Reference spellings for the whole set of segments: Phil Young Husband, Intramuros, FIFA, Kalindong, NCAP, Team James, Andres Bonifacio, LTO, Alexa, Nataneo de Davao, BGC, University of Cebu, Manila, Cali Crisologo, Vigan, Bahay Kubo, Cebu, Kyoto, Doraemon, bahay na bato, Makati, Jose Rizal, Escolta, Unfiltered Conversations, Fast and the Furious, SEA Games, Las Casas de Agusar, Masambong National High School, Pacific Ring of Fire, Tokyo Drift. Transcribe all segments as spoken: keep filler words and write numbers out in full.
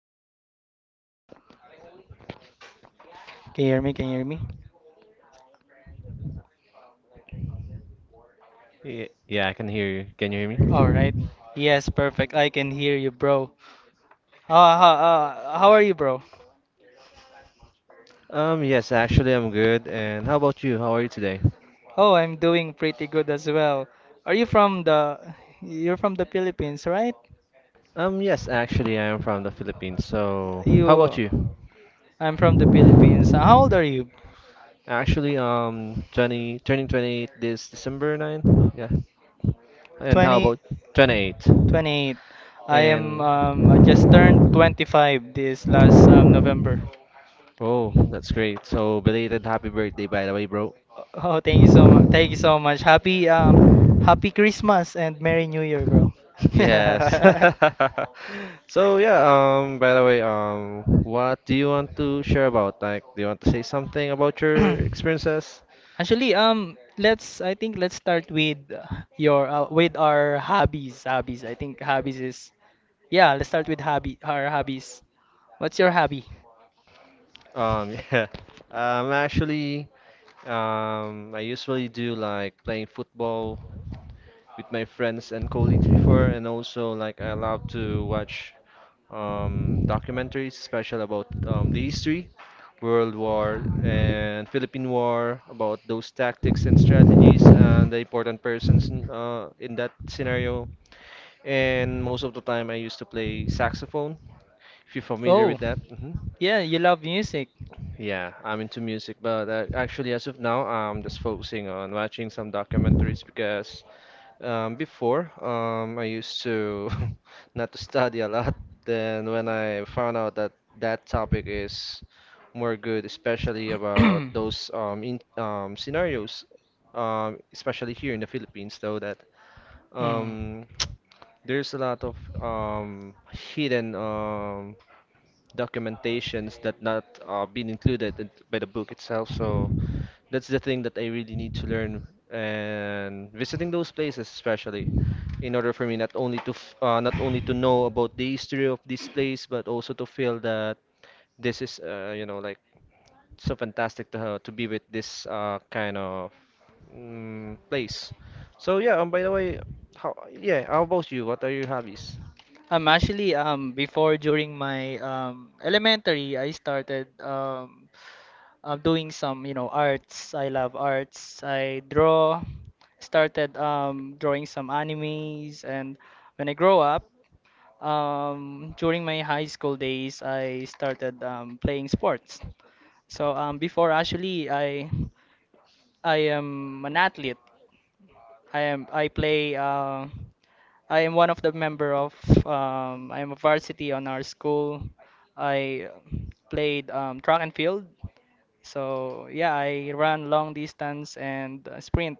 Can you hear me? Can you hear me? Can you hear me? Yeah, yeah, I can hear you. Can you hear All right. me? Yes, perfect. I can hear you, bro. Uh, uh, uh, how are you, bro? Um, yes, actually, I'm good. And how about you? How are you today? Oh, I'm doing pretty good as well. Are you from the You're from the Philippines, right? Um, yes, actually, I am from the Philippines. So, how about You you? I'm from the Philippines. Uh, How old are you? Actually, um, twenty, turning twenty-eight this December ninth. Yeah. And how 20 about twenty-eight? 28. I am And um I mhm. just turned twenty-five this last um November. Oh, that's great. So, belated happy birthday, by the way, bro. Oh, thank you so much. Thank you so much. Happy um happy Christmas and Merry New Year, bro. Yes. yeah, So yeah, um by the way, um what do you want to share about? Like, do you want to say something about your experiences? Actually, um let's I think let's start with uh, your uh, with our hobbies. Hobbies. I think hobbies is Yeah, let's start with hobby our hobbies. What's your hobby? Um yeah. Um actually, um I usually do like playing football with my friends and colleagues before, and also like, I love to watch um documentaries, special about um the history, World War and Philippine War, about those tactics and strategies and the important persons in, uh, in that scenario. And most of the time, I used to play saxophone. If you're familiar Oh, with that, hmm, yeah, you love music. yeah, I'm into music. But uh, actually, as of now, I'm just focusing on watching some documentaries because um, before, um, I used to not to study a lot. Then when I found out that that topic is more good, especially about those um, in, um, scenarios, um, especially here in the Philippines, though that Hmm. um, there's a lot of um, hidden um, documentations that not uh, been included in- by the book itself. So that's the thing that I really need to learn, and visiting those places, especially in order for me not only to f uh, not only to know about the history of this place, but also to feel that this is uh, you know, like so fantastic to ha to be with this uh, kind of mm, place. So yeah, um, by the way, how yeah, how about you? What are your hobbies? Um, actually, um, before during my um, elementary, I started um, uh, doing some, you know, arts. I love arts. I draw, started um, drawing some animes, and when I grow up, Um, during my high school days, I started um, playing sports. So um, before actually, I I am an athlete. I am I play. Uh, I am one of the member of. Um, I am a varsity on our school. I played um, track and field. So yeah, I run long distance and uh, sprint.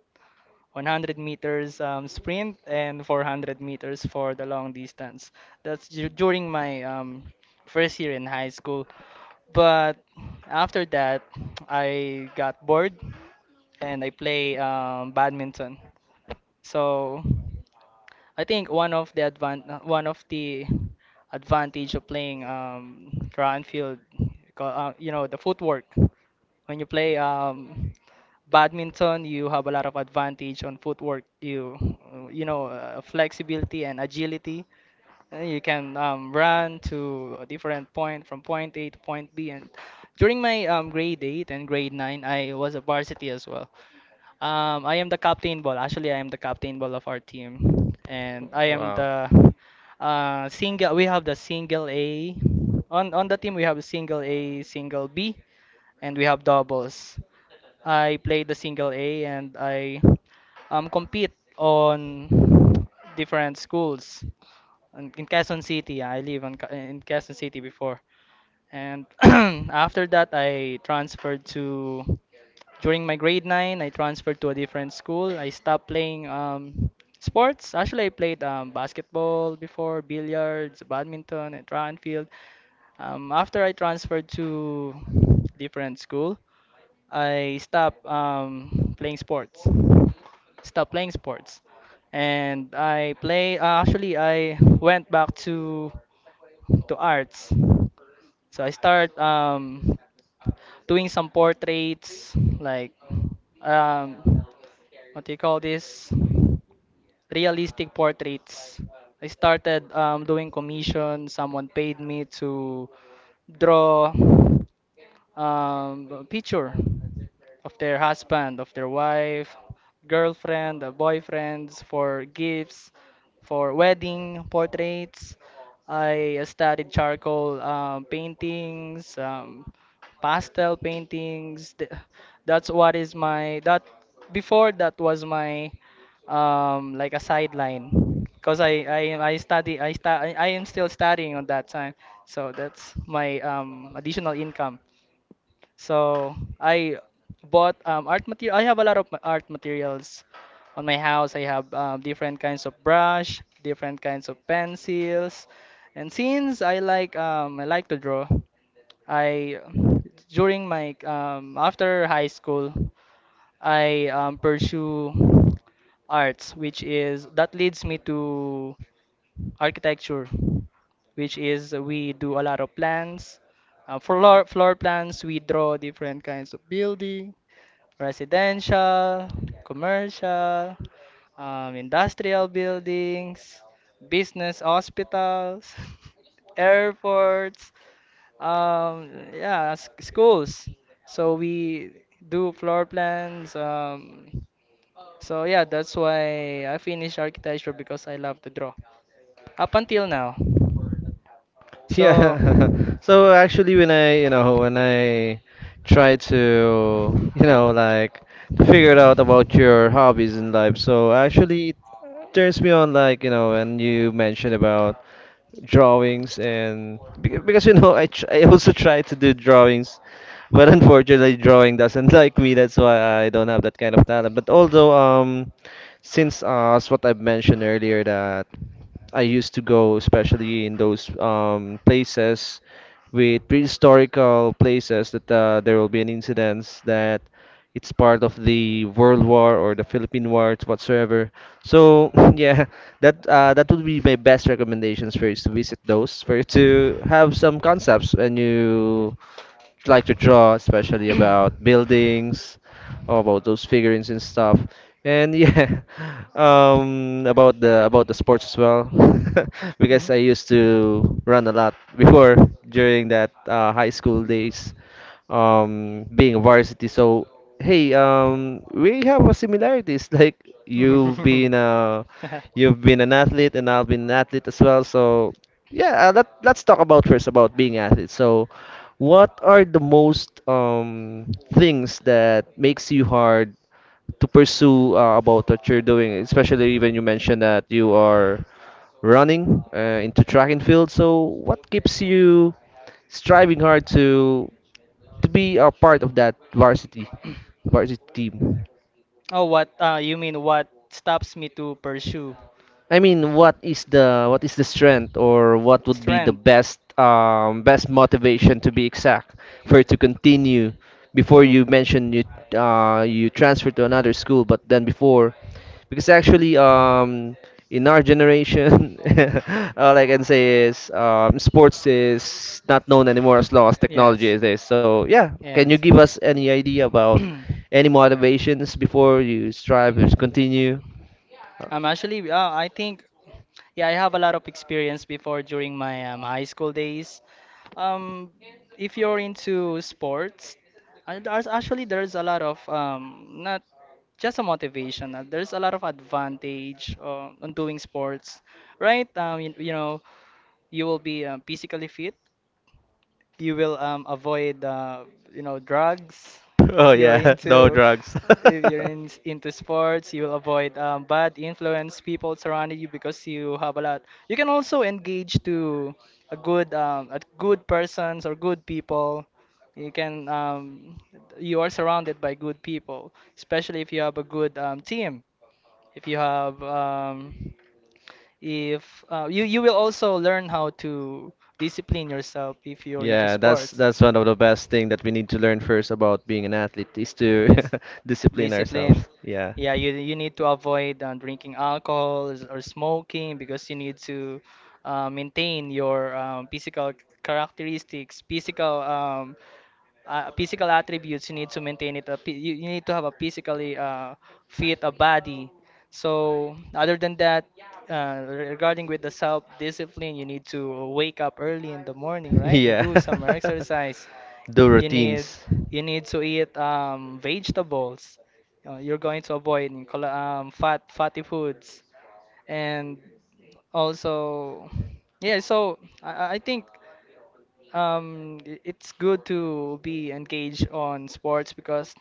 one hundred meters um, sprint and four hundred meters for the long distance. That's du- during my um, first year in high school. But after that, I got bored and I play um, badminton. So I think one of the advan uh, one of the advantage of playing um track and field, co- uh, you know, the footwork. When you play um badminton, you have a lot of advantage on footwork. You uh, you know uh, flexibility and agility. Uh, You can um, run to a different point from point A to point B. And during my um, grade eight and grade nine, I was a varsity as well. Um, I am the captain ball. Actually, I am the captain ball of our team, and I am Wow. the uh, single. We have the single A on on the team. We have a single A, single B, and we have doubles. I play the single A, and I um compete on different schools. In, in Quezon City, I live in, in Quezon City before, and after that, I transferred to during my grade nine, I transferred to a different school. I stopped playing um, sports. Actually, I played um, basketball before, billiards, badminton, and track and field. Um, after I transferred to different school, I stopped um, playing sports. Stopped playing sports. And I play, uh, actually, I went back to to arts. So I start um, doing some portraits, like um, what do you call this? Realistic portraits. I started um, doing commission. Someone paid me to draw um, a picture of their husband, of their wife, girlfriend, uh, boyfriends, for gifts, for wedding portraits. I studied charcoal um, paintings, um, pastel paintings. Th- That's what is my that Before that was my um like a sideline because I, I I study I sta I, I am still studying on that time, so that's my um additional income. So I bought um art material. I have a lot of ma- art materials on my house. I have um, different kinds of brush, different kinds of pencils, and since I like um I like to draw, I during my um after high school I um, pursue arts, which is that leads me to architecture, which is we do a lot of plans. Uh, floor floor plans, we draw different kinds of building, residential, commercial, um, industrial buildings, business hospitals, airports. Um, yeah, s- schools. So we do floor plans. Um, so yeah, that's why I finished architecture because I love to draw up until now. So. Yeah. So actually, when I, you know, when I try to, you know, like, to figure it out about your hobbies in life. So actually, it turns me on, like, you know, when you mentioned about drawings and beca- because, you know, I tr I also try to do drawings, but unfortunately drawing doesn't like me. That's why I don't have that kind of talent. But although, um since, uh as what I've mentioned earlier, that I used to go, especially in those um, places with prehistorical places, that uh, there will be an incidents that it's part of the World War or the Philippine War whatsoever. So yeah, that uh, that would be my best recommendations for you, is to visit those, for you to have some concepts when you like to draw, especially about buildings, or about those figurines and stuff. And yeah, um, about the about the sports as well, because I used to run a lot before, during that uh, high school days, um, being a varsity. So hey, um, we have a similarities. Like, you've Mhm. been a you've been an athlete, and I've been an athlete as well. So yeah, uh, let let's talk about first about being athletes. So, what are the most um things that makes you hard to pursue uh, about what you're doing? Especially when you mentioned that you are running uh, into track and field. So, what keeps you striving hard to to be a part of that varsity varsity team? Oh, what? Uh, you mean what stops me to pursue? I mean, what is the what is the strength, or what would be the Strength? best um, best motivation to be exact, for it to continue before? You mentioned you uh, you transfer to another school, but then before, because actually, um, in our generation, all I can say is, um, sports is not known anymore as long as technology Yes, is this. So yeah, can you yes. give us any idea about any motivations before you strive to continue? Um, actually, uh, I think, yeah, I have a lot of experience before during my um, high school days. Um, if you're into sports, uh, there's actually there's a lot of um, not just a motivation. uh, There's a lot of advantage uh, on doing sports, right? Um, you, you know, you will be um, physically fit. You will um, avoid uh, you know drugs. Oh if you're yeah, no into drugs. if you're in, into sports, you will avoid um, bad influence people surrounding you because you have a lot. You can also engage to a good um, a good persons or good people. you can um, you are surrounded by good people, especially if you have a good um, team. If you have, um, if uh, you you will also learn how to discipline yourself if you're into Yeah, that's sports. that's one of the best thing that we need to learn first about being an athlete, is to Yes, discipline discipline. ourselves. Yeah. Yeah, you you need to avoid uh, drinking alcohol or smoking because you need to uh, maintain your um, physical characteristics, physical um, uh, physical attributes. You need to maintain it. A, phy- you, you need to have a physically uh, fit a body. So other than that, uh, re- regarding with the self-discipline, you need to wake up early in the morning, right, and Yeah. do some exercise. Do You need routines. you need to eat um, vegetables. Uh, you're going to avoid um, col- um, fat fatty foods, and also yeah. So I, I I think. Um, i- it's good to be engaged on sports because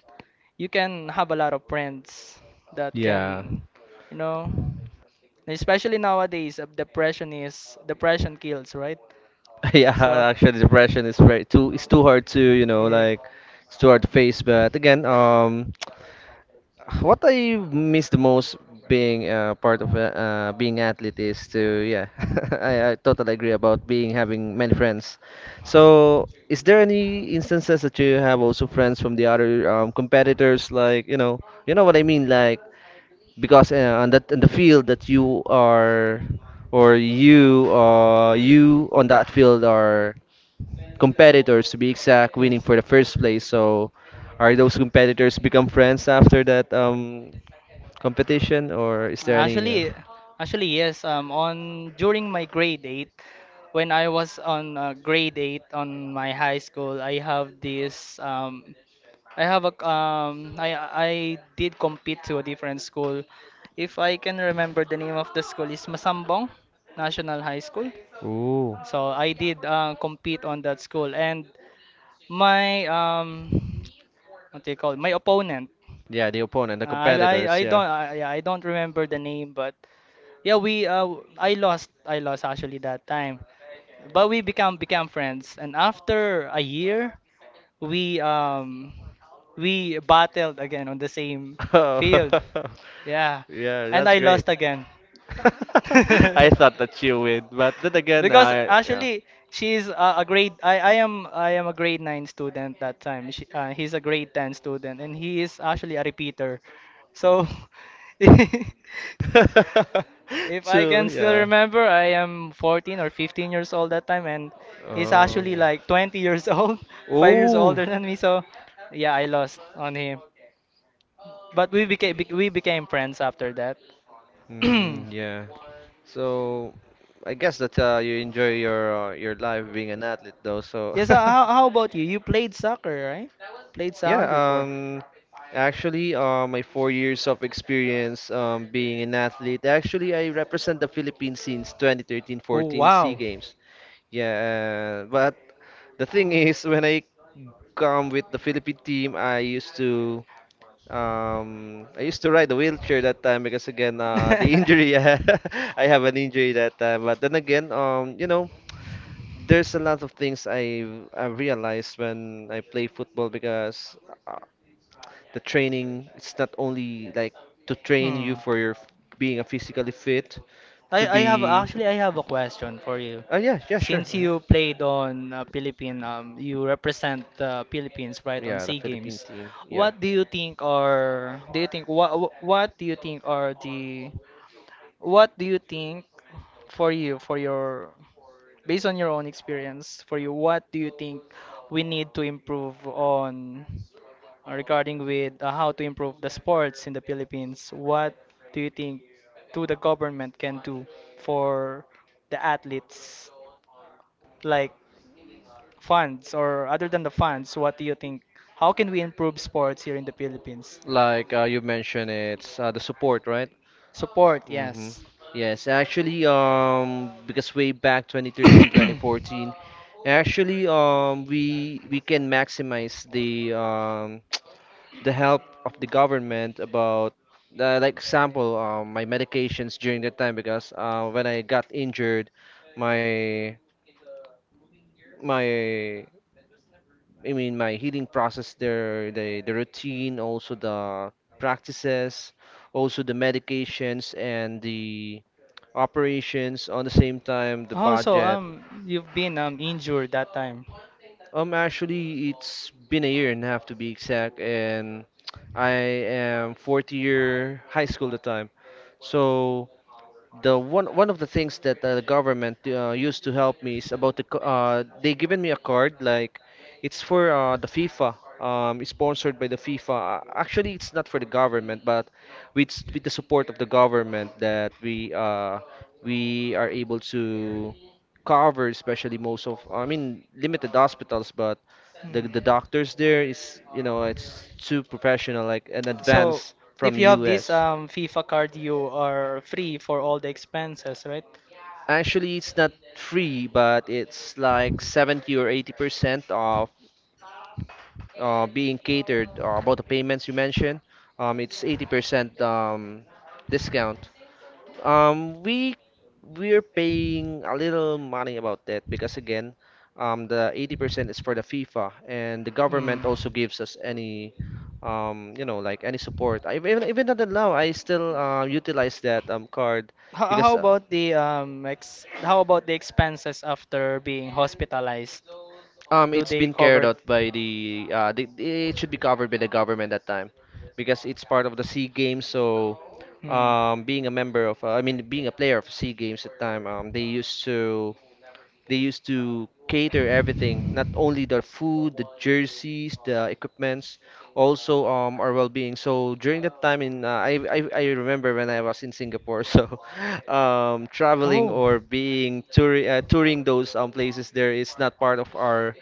you can have a lot of friends that can, Yeah. you know, especially nowadays, uh, depression is depression kills, right? Yeah, So, actually depression is very too it's too hard to, you know, yeah, like, it's too hard to face, but again, um what I miss the most being uh, part of uh, uh, being athlete, is to, yeah, I, I totally agree about being having many friends. So, is there any instances that you have also friends from the other um, competitors, like, you know, you know what I mean, like, because uh, on that in the field that you are or you uh you on that field are competitors, to be exact, winning yes. for the first place. So, are those competitors become friends after that um competition, or is there any, you know? Actually, actually yes. Um, on during my grade eight, when I was on uh, grade eight on my high school, I have this. Um, I have a. Um, I I did compete to a different school. If I can remember, the name of the school is Masambong National High School. Ooh. So I did uh, compete on that school, and my um, what do you call it? My opponent. Yeah, the opponent, the I I I competitors, yeah. don't I, yeah, I don't remember the name, but yeah, we uh I lost I lost actually that time, but we become became friends, and after a year, we um we battled again on the same Oh. field. Yeah, Yeah, and that's I great. lost again. I thought that you would, but then again, Because I, yeah. actually, she's a, a grade. I, I am I am a grade nine student that time. She, uh, he's a grade ten student, and he is actually a repeater. So, if I Two, can still yeah. remember, I am fourteen or fifteen years old that time, and he's Oh, actually yeah. like twenty years old, five years Oh, older than me. So, yeah, I lost on him. But we became we became friends after that. mm, yeah. So, I guess that uh, you enjoy your uh, your life being an athlete, though. So, Yes, how, how how about you? You played soccer, right? Played soccer yeah, before. um, actually, uh, my four years of experience um, being an athlete, actually, I represent the Philippines since Oh, twenty thirteen-fourteen S E A wow. Games. Yeah, uh, but the thing is, when I come with the Philippine team, I used to um, I used to ride a wheelchair that time, because again, uh, the injury, I have an injury that time. But then again, um, you know, there's a lot of things I I realized when I play football, because the training, it's not only like to train you Hmm. for your f- being a physically fit, to I, I have be actually I have a question for you. uh, yeah, yeah, sure, Since mhm. you played on uh, Philippine, um, you represent the Philippines, right, on Yeah, the Sea Philippine Games. team, yeah. What do you think are do you think what what do you think are the what do you think for you for your based on your own experience for you what do you think we need to improve on, uh, regarding with uh, how to improve the sports in the Philippines? What do you think to the government can do for the athletes, like funds or other than the funds? What do you think? How can we improve sports here in the Philippines? Like, uh, you mentioned it's, uh, the support, right? Support, Mm-hmm. yes. Yes, actually, um because way back twenty thirteen, twenty fourteen, actually, um we we can maximize the um the help of the government about uh, like, example, um, my medications during that time, because uh, when I got injured, my my I mean, my healing process there, the the routine, also the practices, also the medications and the operations, on the same time the Also, budget. um, you've been um injured that time. um actually, it's been a year and a half, to be exact. And I am fourth year high school at the time. So the one one of the things that uh, the government uh, used to help me is about the c- uh, they given me a card, like, it's for uh, the FIFA. um, it's sponsored by the FIFA. Uh, actually, it's not for the government, but with s- with the support of the government, that we uh, we are able to cover, especially most of, I mean, limited hospitals. But the the doctors there is, you know, it's too professional, like an So advance if from you have this U S. um, FIFA card, you are free for all the expenses, right? Actually, it's not free, but it's like seventy or eighty percent of uh, being catered uh, about the payments you mentioned. Um, it's eighty percent um, discount. Um, we we're paying a little money about that, because again, um, the eighty percent is for the FIFA, and the Mm. government also gives us any, um, you know, like, any support. I, even even until now, I still uh, utilize that um card, How, because how uh, about the um ex how about the expenses after being hospitalized? um Do it's they been carried covered? out by the uh the, it should be covered by the government that time, because it's part of the Sea Games. So um, being a member of, uh, I mean, being a player of Sea Games at the time, um, they used to they used to cater everything, not only the food, the jerseys, the equipments, also um our well-being. So during that time, in uh, I, I I remember when I was in Singapore, so um traveling Hmm. or being tour uh, touring those um places there, is not part of our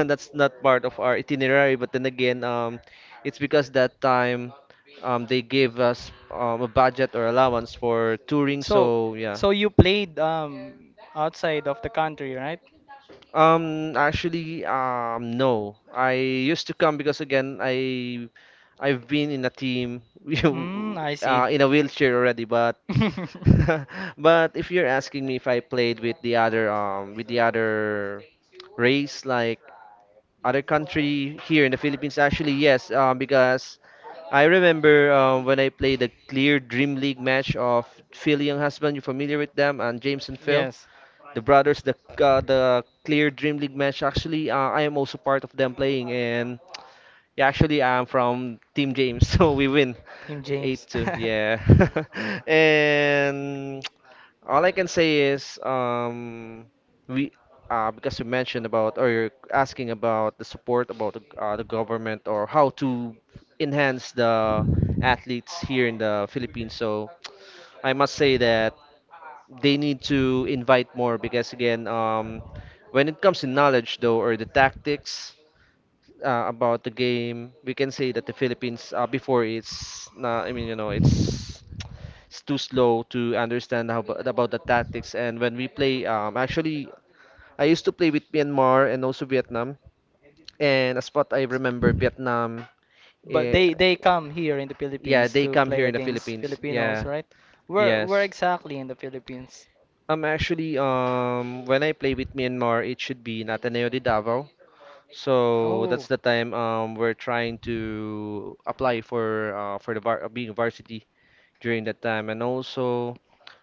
that's not part of our itinerary. But then again, um it's because that time, um they gave us um a budget or allowance for touring. So, So yeah. so you played um outside of the country, right? Um, actually, um, no. I used to come because again, I I've been in a team Mm, you, I uh, see. in a wheelchair already. But but if you're asking me if I played with the other um with the other race, like, other country here in the Philippines, actually yes, um, because I remember um, when I played the Clear Dream League match of Phil Young Husband, you familiar with them, and James and Phil, Yes. the brothers, the uh, the Clear Dream League match. Actually, uh, I am also part of them playing, and yeah, actually, I'm from Team James, so we win eight two. Yeah, and all I can say is, um we. Uh, because you mentioned about, or you're asking about the support about the, uh, the government, or how to enhance the athletes here in the Philippines. So I must say that they need to invite more because again, um, when it comes to knowledge though or the tactics uh, about the game, we can say that the Philippines uh, before it's not, I mean you know it's it's too slow to understand how about, about the tactics. And when we play um, actually, I used to play with Myanmar and also Vietnam, and as what I remember Vietnam But eh, they they come here in the yeah, Philippines they to come play here in the against Philippines, Filipinos, yeah. right? Where where Yes. exactly in the Philippines? Um, actually, um, when I play with Myanmar, it should be Nataneo de Davao. So that's Oh. the time um we're trying to apply for uh for the var uh, being varsity during that time, and also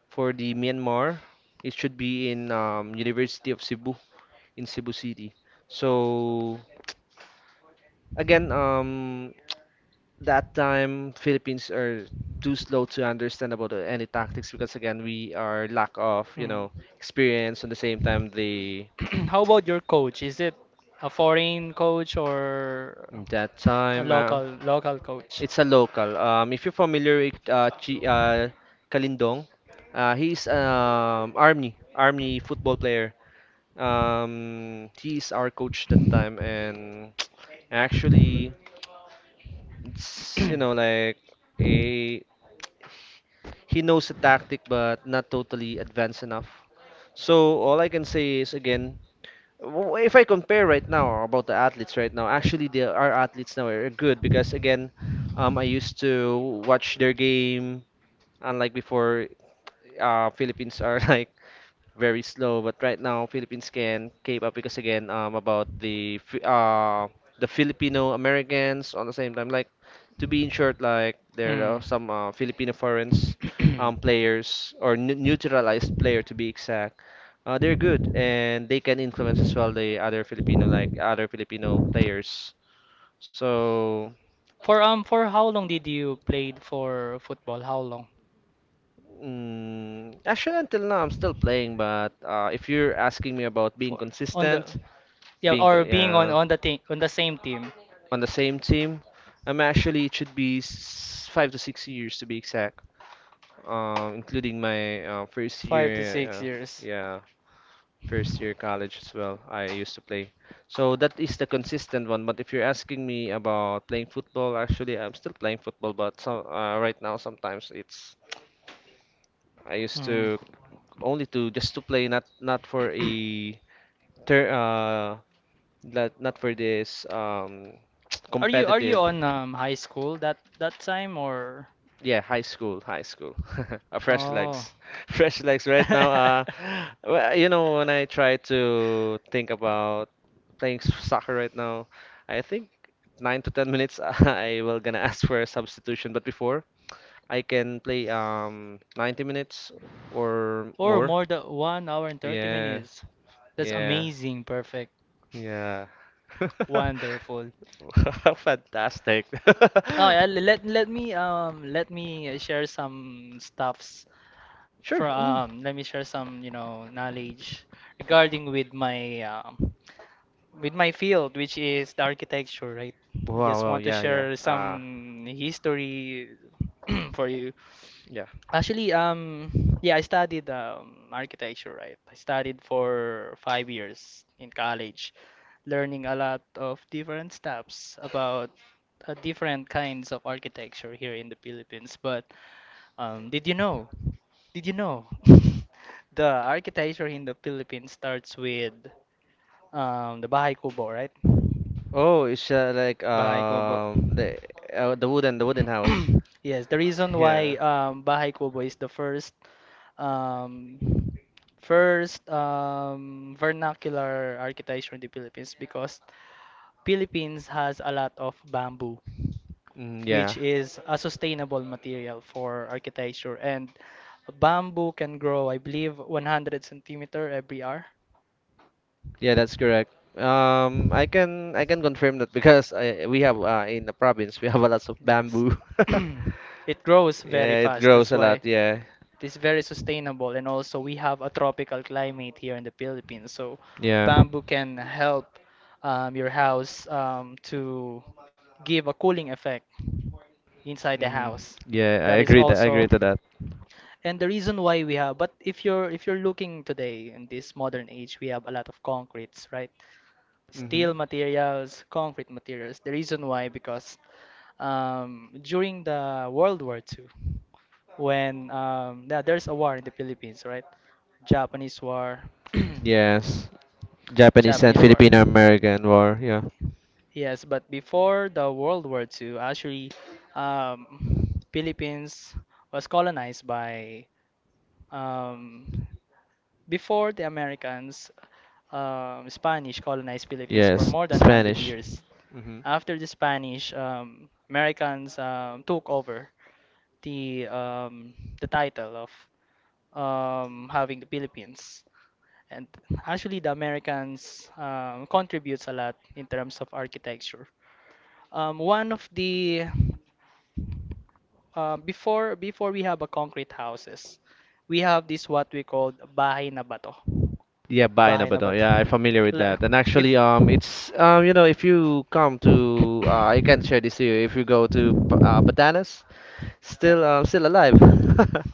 for the Myanmar, it should be in um University of Cebu in Cebu City. So again, um, that time Philippines are too slow to understand about uh, any tactics because again we are lack of, you Hmm. know, experience, and the same time they. How about your coach? Is it a foreign coach or That a time, uh, local local coach? it's a local. Um, if you're familiar with uh, Chi, uh, Kalindong, uh, he's um army army football player. Um, he's our coach that time, and actually, it's, you know, like a, he knows the tactic, but not totally advanced enough. So all I can say is again, w- if I compare right now about the athletes right now, actually, they our athletes now are good because again, um, I used to watch their game. Unlike before, uh, Philippines are like very slow. But right now, Philippines can keep up because again, um, about the Fi- uh the Filipino Americans on the same time, like, to be in short, like there are Hmm. some uh, Filipino foreigners, um, players or n neutralized player to be exact. Uh, they're good and they can influence as well the other Filipino, like other Filipino players. So. For um for how long did you played for football? How long? Mm, actually, until now, I'm still playing, but uh, if you're asking me about being For on the consistent, yeah, Yeah, being co- or being on yeah, on the team on the same team. on the same team. I'm actually It should be s- five to six years to be exact, um, including my uh, first year, Five to six uh, years. yeah, first year college as well. I used to play, so that is the consistent one. But if you're asking me about playing football, actually I'm still playing football, but so, uh, right now sometimes it's, I used Mm. to only to just to play, not not for a ter uh not not for this um Are you are you competitive. on um high school that that time? Or Yeah, high school, high school. Uh, fresh oh, legs. Fresh legs right now. Uh, well, you know, when I try to think about playing s- soccer right now, I think nine to ten minutes, I will gonna ask for a substitution. But before, I can play um ninety minutes or or more. more than one hour and thirty Yeah, minutes. That's yeah, amazing, perfect, yeah. wonderful. Fantastic. Oh yeah, le- let let me um let me uh, share some stuffs Sure. Mm. from let me share some you know knowledge regarding with my um, with my field, which is the architecture, right? I Wow, just wow, want to yeah, yeah. share Uh, some history for you. yeah. Actually, um yeah, I studied um, architecture, right? I studied for five years in college, learning a lot of different stuffs about uh, different kinds of architecture here in the Philippines. But um, did you know did you know, the architecture in the Philippines starts with um, the Bahay Kubo, right? Oh, it's uh, like Bahay Kubo. um the uh, the wooden the wooden house. Yes, the reason Yeah. why um, Bahay Kubo is the first um, first um, vernacular architecture in the Philippines because Philippines has a lot of bamboo, Mm, yeah. which is a sustainable material for architecture. And bamboo can grow, I believe, one hundred centimeter every hour. Yeah, that's correct. Um, I can I can confirm that because I, we have uh, in the province we have a lots of Yes. bamboo. It grows very Yeah, it fast. grows That's a why lot. Yeah. it is very sustainable. And also, we have a tropical climate here in the Philippines. So Yeah. bamboo can help um, your house um, to give a cooling effect inside the Hmm. house. Yeah, I That is agree that I also agree to that. and the reason why we have. But if you're if you're looking today in this modern age, we have a lot of concretes, right? Hmm. Steel materials, concrete materials. The reason why, because um, during the World War II, when um, yeah, there's a war in the Philippines, right? Japanese war. Yes. Japanese and Japanese war. Filipino American War. Yeah. Yes, but before the World War two, actually, um, Philippines was colonized by um, before the Americans, um, Spanish colonized Philippines for Yes. more than one hundred Spanish. years. Hmm. After the Spanish, um, Americans um, took over the um, the title of um, having the Philippines. And actually, the Americans um, contributes a lot in terms of architecture. Um, one of the uh, before Before we have a concrete houses, we have this what we call bahay na bato. Yeah, Bayan na Bahay na Bato. bato. Yeah, I'm familiar with La- that. And If actually, um, it's, um, you know, if you come to, uh, I can share this to you. If you go to P- uh, Batanes, Yeah. still, uh, still alive.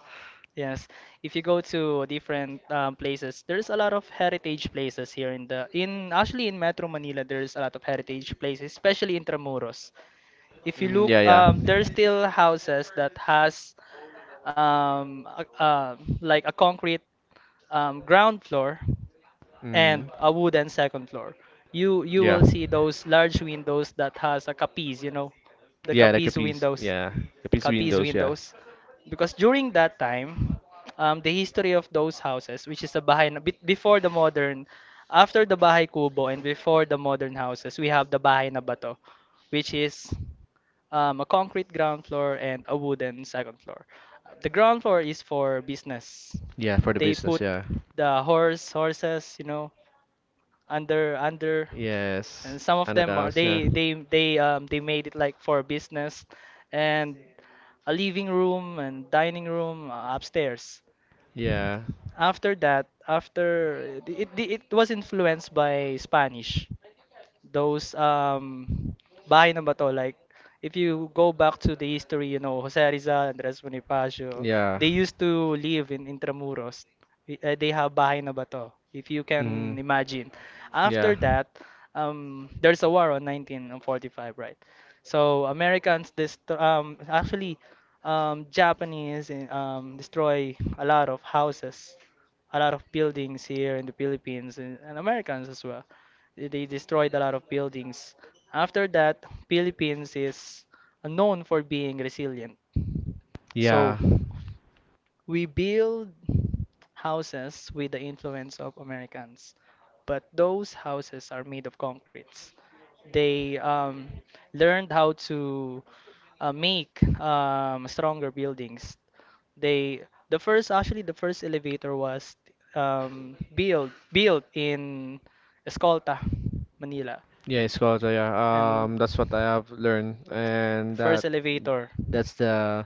Yes, if you go to different um, places, there's a lot of heritage places here in the in actually in Metro Manila. There's a lot of heritage places, especially in Tramuros. If you Mm, look, yeah, yeah. um there's still houses that has um a, um, like a concrete um, ground floor and Mm, a wooden second floor. You you yeah. will see those large windows that has a capiz, you know, the Yeah, like a capiz piece. windows. Yeah. A piece Capiz windows, yeah. windows. Because during that time, um, the history of those houses, which is the bahay na, be- before the modern, after the bahay kubo and before the modern houses, we have the bahay na bato, which is um, a concrete ground floor and a wooden second floor. The ground floor is for business. Yeah, for the They business, put yeah. the horse horses, you know, under under, Yes. and some of And the them are Anadas, yeah. they they they um they made it like for business, and a living room and dining room uh, upstairs. Yeah. After that, after it, it, it was influenced by Spanish. Those um bahay na bato, like if you go back to the history, you know, Jose Rizal, Andres Bonifacio, Yeah. they used to live in Intramuros. Y- uh, They have bahay na bato, if you Mm, can imagine. After yeah. that, um, there's a war on nineteen forty-five, right? So Americans dest- um actually um Japanese in- um destroy a lot of houses, a lot of buildings here in the Philippines, and, and Americans as well. They they destroyed a lot of buildings. After that, Philippines is known for being resilient. So Yeah. we build houses with the influence of Americans, but those houses are made of concretes. They um, learned how to uh, make um, stronger buildings. They, the first actually the first elevator was um, built built in Escolta, Manila, Yeah, it's called, uh, yeah. and Um, that's what I have learned. the And first that elevator. that's the,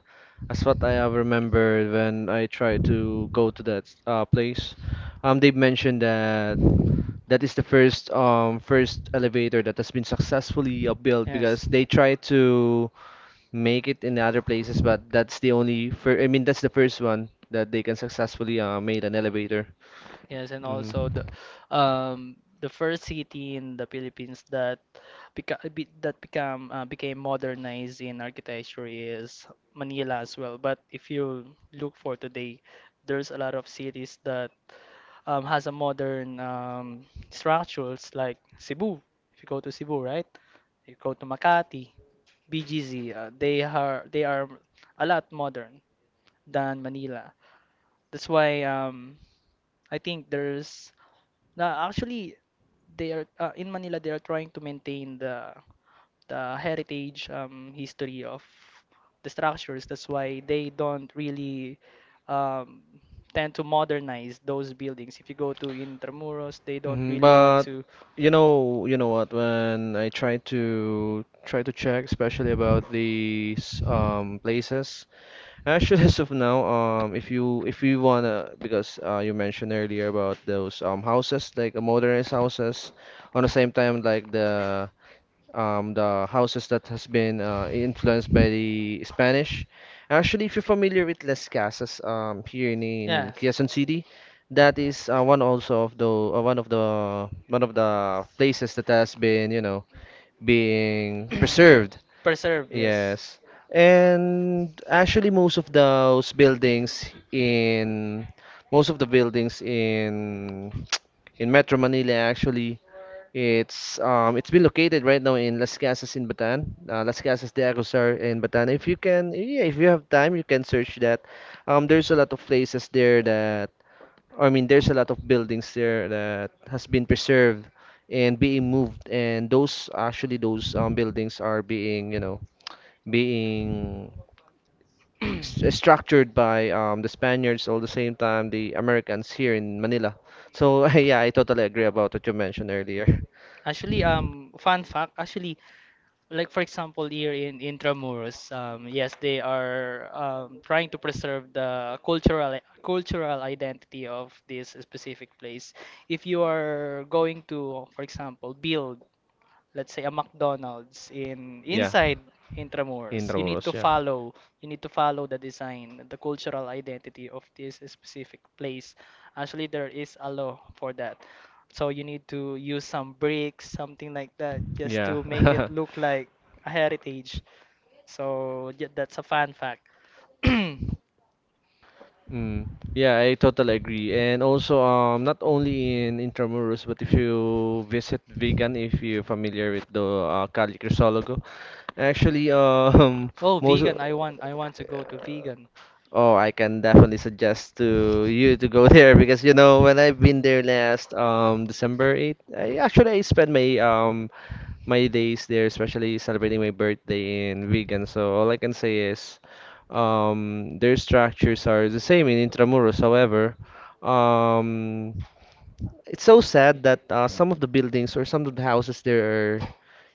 that's what I have remembered when I tried to go to that uh, place. Um, they mentioned that that is the first um first elevator that has been successfully uh, built Yes. because they try to make it in other places, but that's the only fir- I mean, that's the first one that they can successfully uh, made an elevator. Yes, and Hmm. also the um the first city in the Philippines that beca be, that become uh, became modernized in architecture is Manila as well. But if you look for today, there's a lot of cities that um, has a modern um, structures like Cebu. If you go to Cebu, right? You go to Makati, B G C. Uh, they are they are a lot modern than Manila. That's why, um, I think there's no, actually, they are, uh, in Manila, they are trying to maintain the the heritage, um, history of the structures. That's why they don't really um, tend to modernize those buildings. If you go to Intramuros, they don't Hmm, really want but, to. you know, you know what when I try to try to check, especially about these um places. Actually, as of now, um, if you if you wanna, because uh, you mentioned earlier about those um houses, like, uh, modernized houses, on the same time like the um the houses that has been uh, influenced by the Spanish. Actually, if you're familiar with Las Casas, um, here in in Yeah. Quezon City, that is, uh, one also of the, uh, one of the one of the places that has been, you know, being preserved. Preserve, yes. Yes. And actually, most of those buildings in most of the buildings in in Metro Manila, actually, it's, um, it's been located right now in Las Casas in Batan, uh, Las Casas de Agusar in Batan. If you can, yeah, if you have time, you can search that. Um, there's a lot of places there that, I mean, there's a lot of buildings there that has been preserved and being moved, and those actually those, um, buildings are being, you know, being st structured by, um, the Spaniards, all the same time the Americans here in Manila. So yeah, I totally agree about what you mentioned earlier. Actually, um, fun fact, actually, like for example, here in Intramuros, um, yes, they are um, trying to preserve the cultural cultural identity of this specific place. If you are going to, for example, build, let's say, a McDonald's in Yeah, inside in Intramuros, you need to Roros, yeah, follow, you need to follow the design, the cultural identity of this specific place. Actually, there is a law for that. So you need to use some bricks, something like that, just to make it yeah. look like a heritage. So yeah, that's a fun fact. Mm, yeah, I totally agree. And also, um, not only in Intramuros, but if you visit Vigan, if you're familiar with the, uh, Cali Crisologo, actually, um, Oh, most. vegan. I want I want to go to vegan. Oh, I can definitely suggest to you to go there because, you know, when I've been there last, um, December eighth, I actually I spent my, um, my days there, especially celebrating my birthday in Vegan. So all I can say is, um, their structures are the same in Intramuros. However, um, it's so sad that, uh, some of the buildings or some of the houses there are,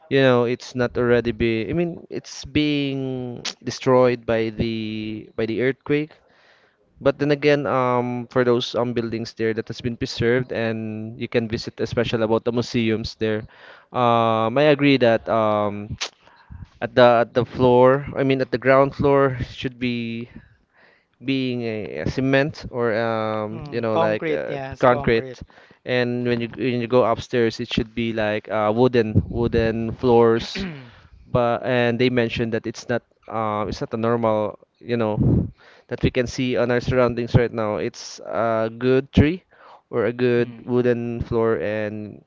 you know, it's not already be, I mean, it's being destroyed by the by the earthquake. But then again, um, for those, um, buildings there that has been preserved and you can visit, especially about the museums there, um, I agree that, um, at the at the floor, I mean, at the ground floor should be being a, a cement or, um, you Hmm, know, like, concrete, uh, yes, concrete. concrete. And when you when you go upstairs, it should be like, uh, wooden wooden floors. But and they mentioned that it's not, uh, it's not a normal, you know, that we can see on our surroundings right now. It's a good tree or a good Hmm. wooden floor and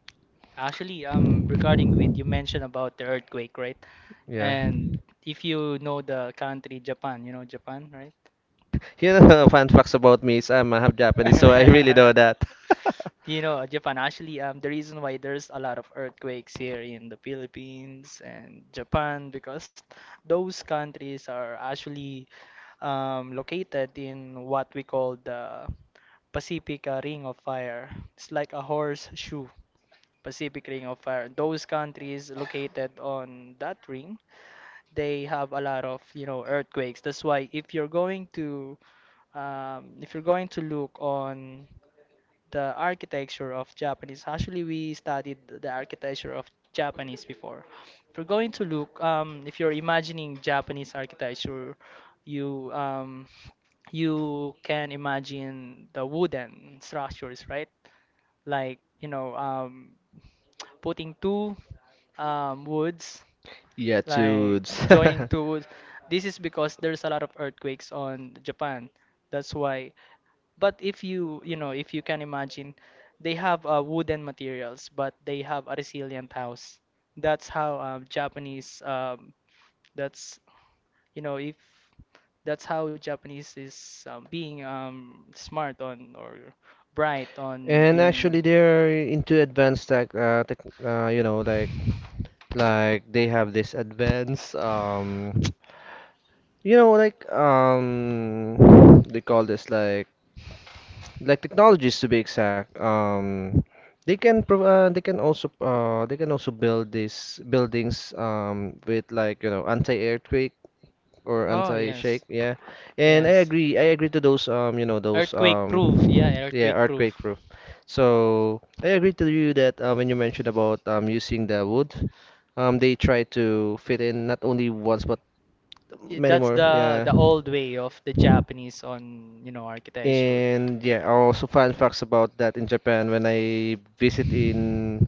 Actually, um, regarding with you mentioned about the earthquake, right? yeah, And if you know the country Japan, you know Japan, right? you know. Fun facts about me is I'm half Japanese, so I really know that. You know, Japan, actually, um, the reason why there's a lot of earthquakes here in the Philippines and Japan, because those countries are actually um, located in what we call the Pacific uh, Ring of Fire. It's like a horseshoe. Pacific Ring of Fire. Those countries located on that ring, they have a lot of, you know, earthquakes. That's why if you're going to, um, if you're going to look on the architecture of Japanese, actually we studied the architecture of Japanese before. If you're going to look, um, if you're imagining Japanese architecture, you um, you can imagine the wooden structures, right? Like, you know, um, putting two um, woods, Yeah, like dudes. joining two woods. This is because there's a lot of earthquakes on Japan. That's why. But if you you know, if you can imagine, they have uh, wooden materials, but they have a resilient house. That's how um, Japanese. Um, that's you know if that's how Japanese is um, being um, smart on or bright on And actually, being. they're into advanced tech, uh, tech, uh, you know, like like they have this advanced, um, you know, like, um, they call this like like technologies to be exact. Um, they can prov uh, they can also, uh, they can also build these buildings, um, with, like, you know, anti-earthquake or Oh anti-shake, yes, yeah. And I yes. agree, I agree to those, um, you know, those, Earthquake proof, um, yeah, yeah, earthquake earthquake proof. proof. So I agree to you that, uh, when you mentioned about, um, using the wood, um, they try to fit in not only once but Y- many That's more. the Yeah. the old way of the Japanese on, you know, architecture. And yeah, I also find facts about that in Japan when I visit in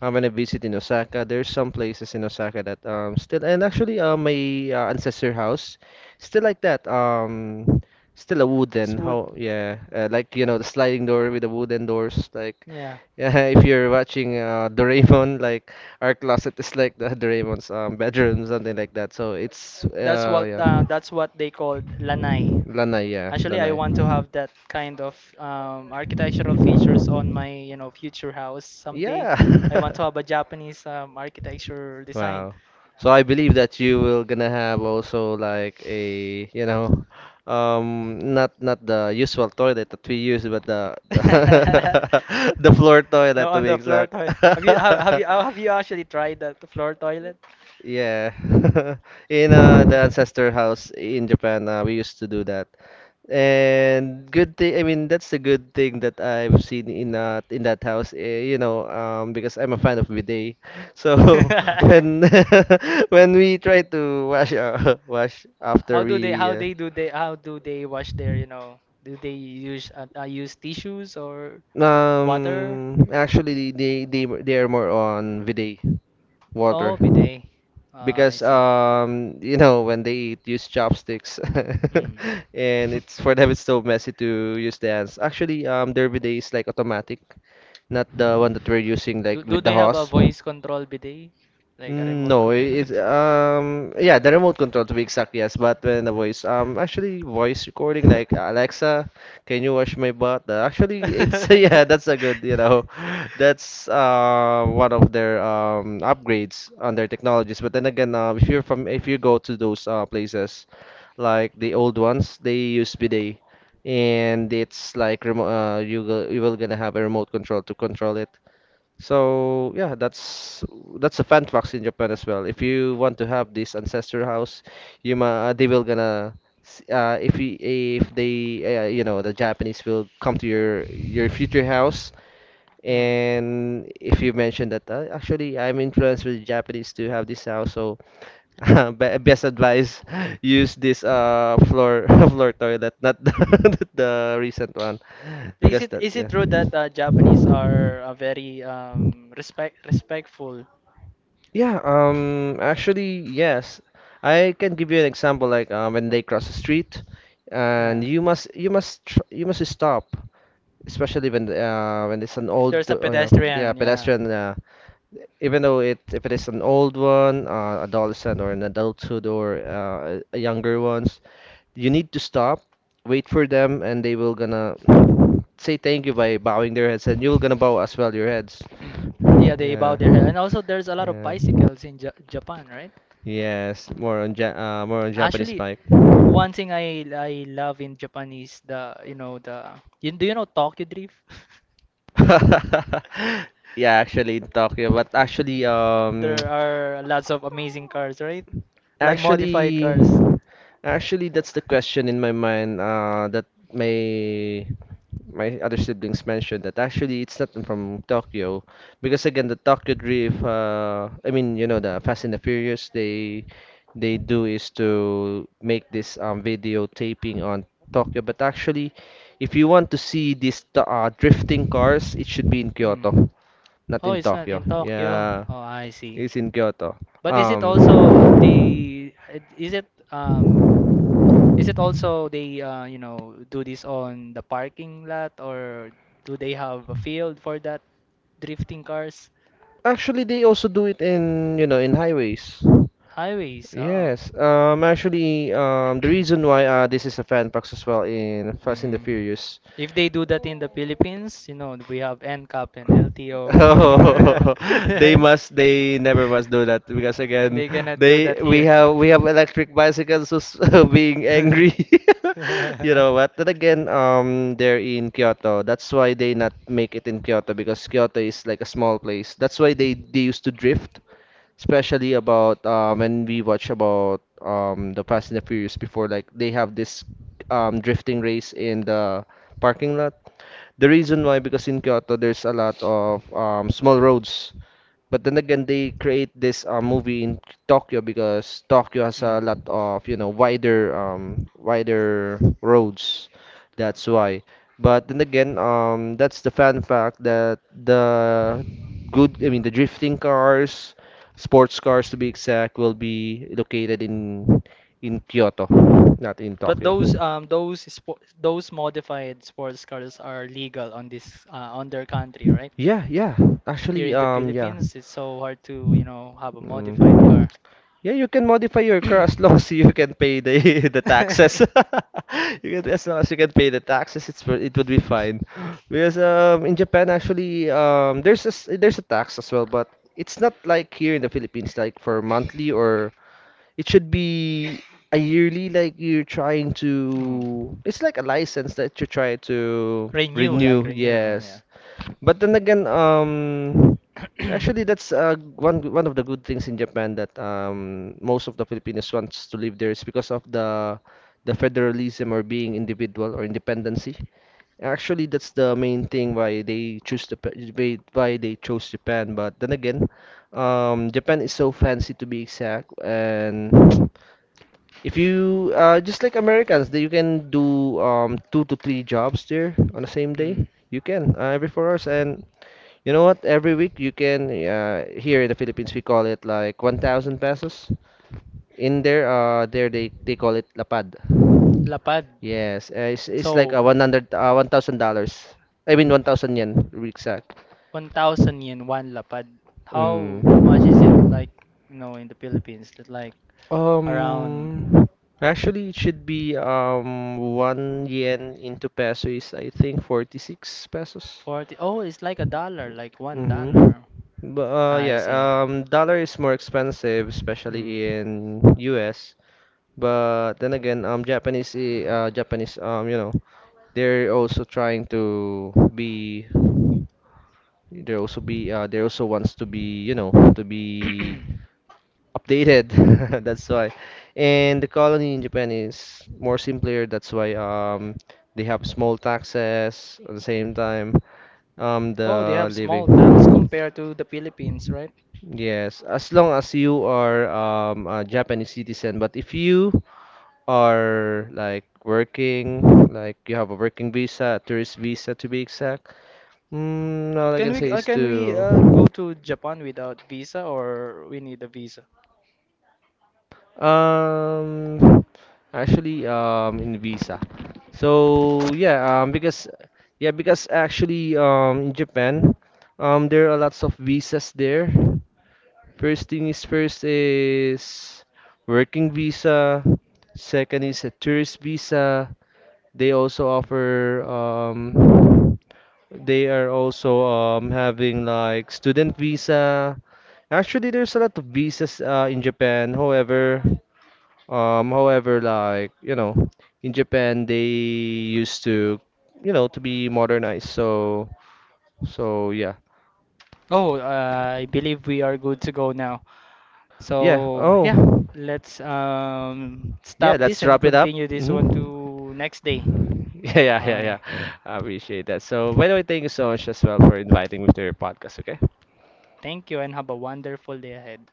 uh, when I visit in Osaka. There's some places in Osaka that, um, still, and actually, uh, my, uh, ancestor house still like that, um, still a It's wooden, wood. how, yeah, uh, like, you know, the sliding door with the wooden doors, like, Yeah. yeah. If you're watching, uh, Doraemon, like, our closet is like the Doraemon's, um, bedroom, something like that. So it's, That's what uh, yeah, uh, that's what they called lanai. lanai, yeah, Actually, I lanai. want to have that kind of um, architectural features on my, you know, future house someday. Yeah. I want to have a Japanese um, architecture design. Wow. So I believe that you will gonna have also like a, you know, um, not not the usual toilet that we use, but the the, the floor No, toilet to on be the floor exact. toilet. Have you have, have you uh, have you actually tried the the floor toilet? Yeah. In, uh, the ancestor house in Japan, uh, we used to do that. And good thing, I mean, that's the good thing that I've seen in that in that house, eh, you know, um, because I'm a fan of bidet. So when, when we try to wash, uh, wash How after do they we, how uh, they do they how do they wash their, you know, do they use uh, uh, use tissues or water? um, actually they they they are more on bidet Oh, water, bidet. Ah, I because, see. um, you know, when they eat, use chopsticks, Mm. and it's, for them, it's so messy to use the hands. Actually, um, derby day is like automatic, not the one that we're using, Do, like, do with the they have a hose. voice control bidet? Like a Mm. remote No, control? it, it um, yeah, the remote control to be exact, yes. But when the voice, um, actually, voice recording like Alexa, can you wash my butt? Uh, actually, it's yeah, that's a good, you know, that's, uh, one of their, um, upgrades on their technologies. But then again, uh, if you're from if you go to those, uh, places, like the old ones, they use bidet, and it's like remote. Uh, you go, you will gonna have a remote control to control it. So yeah, that's that's a fan fact in Japan as well. If you want to have this ancestor house, you ma they will gonna s- uh, if you, if they uh, you know, the Japanese will come to your your future house. Mm. And if you mention that uh, actually I'm influenced with the Japanese to have this house, so be- best advice, use this uh floor floor toilet, not the, the recent one, Is because it that, is it yeah. true that uh, Japanese are uh, very um respect respectful? Yeah, um, actually, yes. I can give you an example, like, um, when they cross the street, and Yeah. you must you must tr you must stop, especially when uh, when it's an If old, there's a uh, yeah, yeah, pedestrian, yeah. pedestrian. Uh, even though it if it is an old one, uh, adolescent or an adulthood or uh, a younger ones, you need to stop, wait for them, and they will gonna say thank you by bowing their heads, and you will gonna bow as well your heads. Yeah, they bow Yeah, their head. And also there's a lot of yeah. bicycles in Ja Japan, right? Yes, more on ja uh, more on Japanese Actually, Mike. one thing I I love in Japan is the, you know, the, you, do you know Tokyo Drift? Yeah, actually in Tokyo, but actually um There are lots of amazing cars, right? Like modified actually cars. actually that's the question in my mind, uh that my my other siblings mentioned that actually it's not from Tokyo, because again, the Tokyo Drift, uh I mean, you know, the Fast and the Furious, they they do is to make this um video taping on Tokyo, but actually if you want to see these to- uh, drifting cars, it should be in Kyoto, Hmm. not Oh, in it's not Tokyo. in Tokyo. Yeah, Oh, I see. it's in Kyoto. But is it um also, uh, they uh, is it um is it also they, uh, you know, do this on the parking lot, or do they have a field for that drifting cars? Actually, they also do it in, you know, in highways. Highways. Oh. Yes, um, actually, um, the reason why, uh, this is a fan box as well in Fast and the Mm. Furious. If they do that in the Philippines, you know, we have N CAP and L T O. Oh, they must, they never must do that, because They again, cannot do that they here. we have we have electric bicycles who's being angry. You know what? Then again, um, they're in Kyoto. That's why they not make it in Kyoto, because Kyoto is like a small place. That's why they they used to drift, especially about uh, when we watch about, um, the Fast and the Furious before, like they have this um, drifting race in the parking lot. The reason why, because in Kyoto, there's a lot of, um, small roads. But then again, they create this uh, movie in Tokyo, because Tokyo has a lot of, you know, wider um wider roads. That's why. But then again, um that's the fun fact, that the good, I mean, the drifting cars, sports cars to be exact, will be located in in Kyoto, not in But Tokyo. those um those spo those modified sports cars are legal on this uh, on their country, right? Yeah, yeah. Here Actually, in the um yeah. Philippines, it's so hard to, you know, have a modified Mm. car. Yeah, you can modify your car as long as you can pay the the taxes. You can, as long as you can pay the taxes, it's for- it would be fine. Because um in Japan actually um there's a s- there's a tax as well, but it's not like here in the Philippines, like for monthly, or it should be a yearly, like you're trying Mm. to, it's like a license that you try to Renew, like renew. renew, oh, yeah. Yes. But then again, um, actually, that's uh, one one of the good things in Japan, that um, most of the Filipinos wants to live there, is because of the the federalism, or being individual, or independency. Actually, that's the main thing why they choose the why why they chose Japan. But then again, um, Japan is so fancy to be exact, and if you, uh, just like Americans, that you can do, um, two to three jobs there on the same day. Mm. You can, uh, every four hours, and you know what? Every week you can, uh, here in the Philippines we call it like one thousand pesos. In there, uh, there they they call it lapad. Lapad. Yes, uh, it's it's like a So, one hundred, uh, one thousand dollars. I mean one thousand yen, to be exact. one thousand yen, one lapad. Mm. How much is it like, you know, in the Philippines? That like around Um, actually, it should be um one yen into peso is, I think, forty-six pesos. forty. Oh, it's like a dollar, like one Mm-hmm. dollar. But uh, I yeah, see. um, dollar is more expensive, Mm. especially in U S. But then again, um, Japanese, i- uh, Japanese, um, you know, they're also trying to be, they're also be, uh, they also wants to be, you know, to be updated. That's why. And the colony in Japan is more simpler, that's why um they have small taxes. At the same time, um Oh, they the have living, small tax compared to the Philippines, right? yes, as long as you are um a Japanese citizen. But if you are like working, like you have a working visa, a tourist visa, to be exact, mm, all I Can can we say uh, is can we uh, to, go to Japan without visa, or we need a visa? Um, actually, um, in visa. So yeah, um, because yeah, because actually, um, in Japan, um, there are lots of visas there. First thing is first is working visa. Second is a tourist visa. They also offer, um, they are also um having like student visa. Actually, there's a lot of visas uh, in Japan. However. Um, however, like, you know, in Japan they used to, you know, to be modernized. So, so yeah. Oh, uh, I believe we are good to go now. Yeah. So Oh. yeah, let's um, Yeah, stop this let's and wrap it up. continue this one Hmm. to next day. Yeah, yeah, yeah, yeah. Okay. I appreciate that. So, by the way, thank you so much as well for inviting me to your podcast, okay? Thank you and have a wonderful day ahead.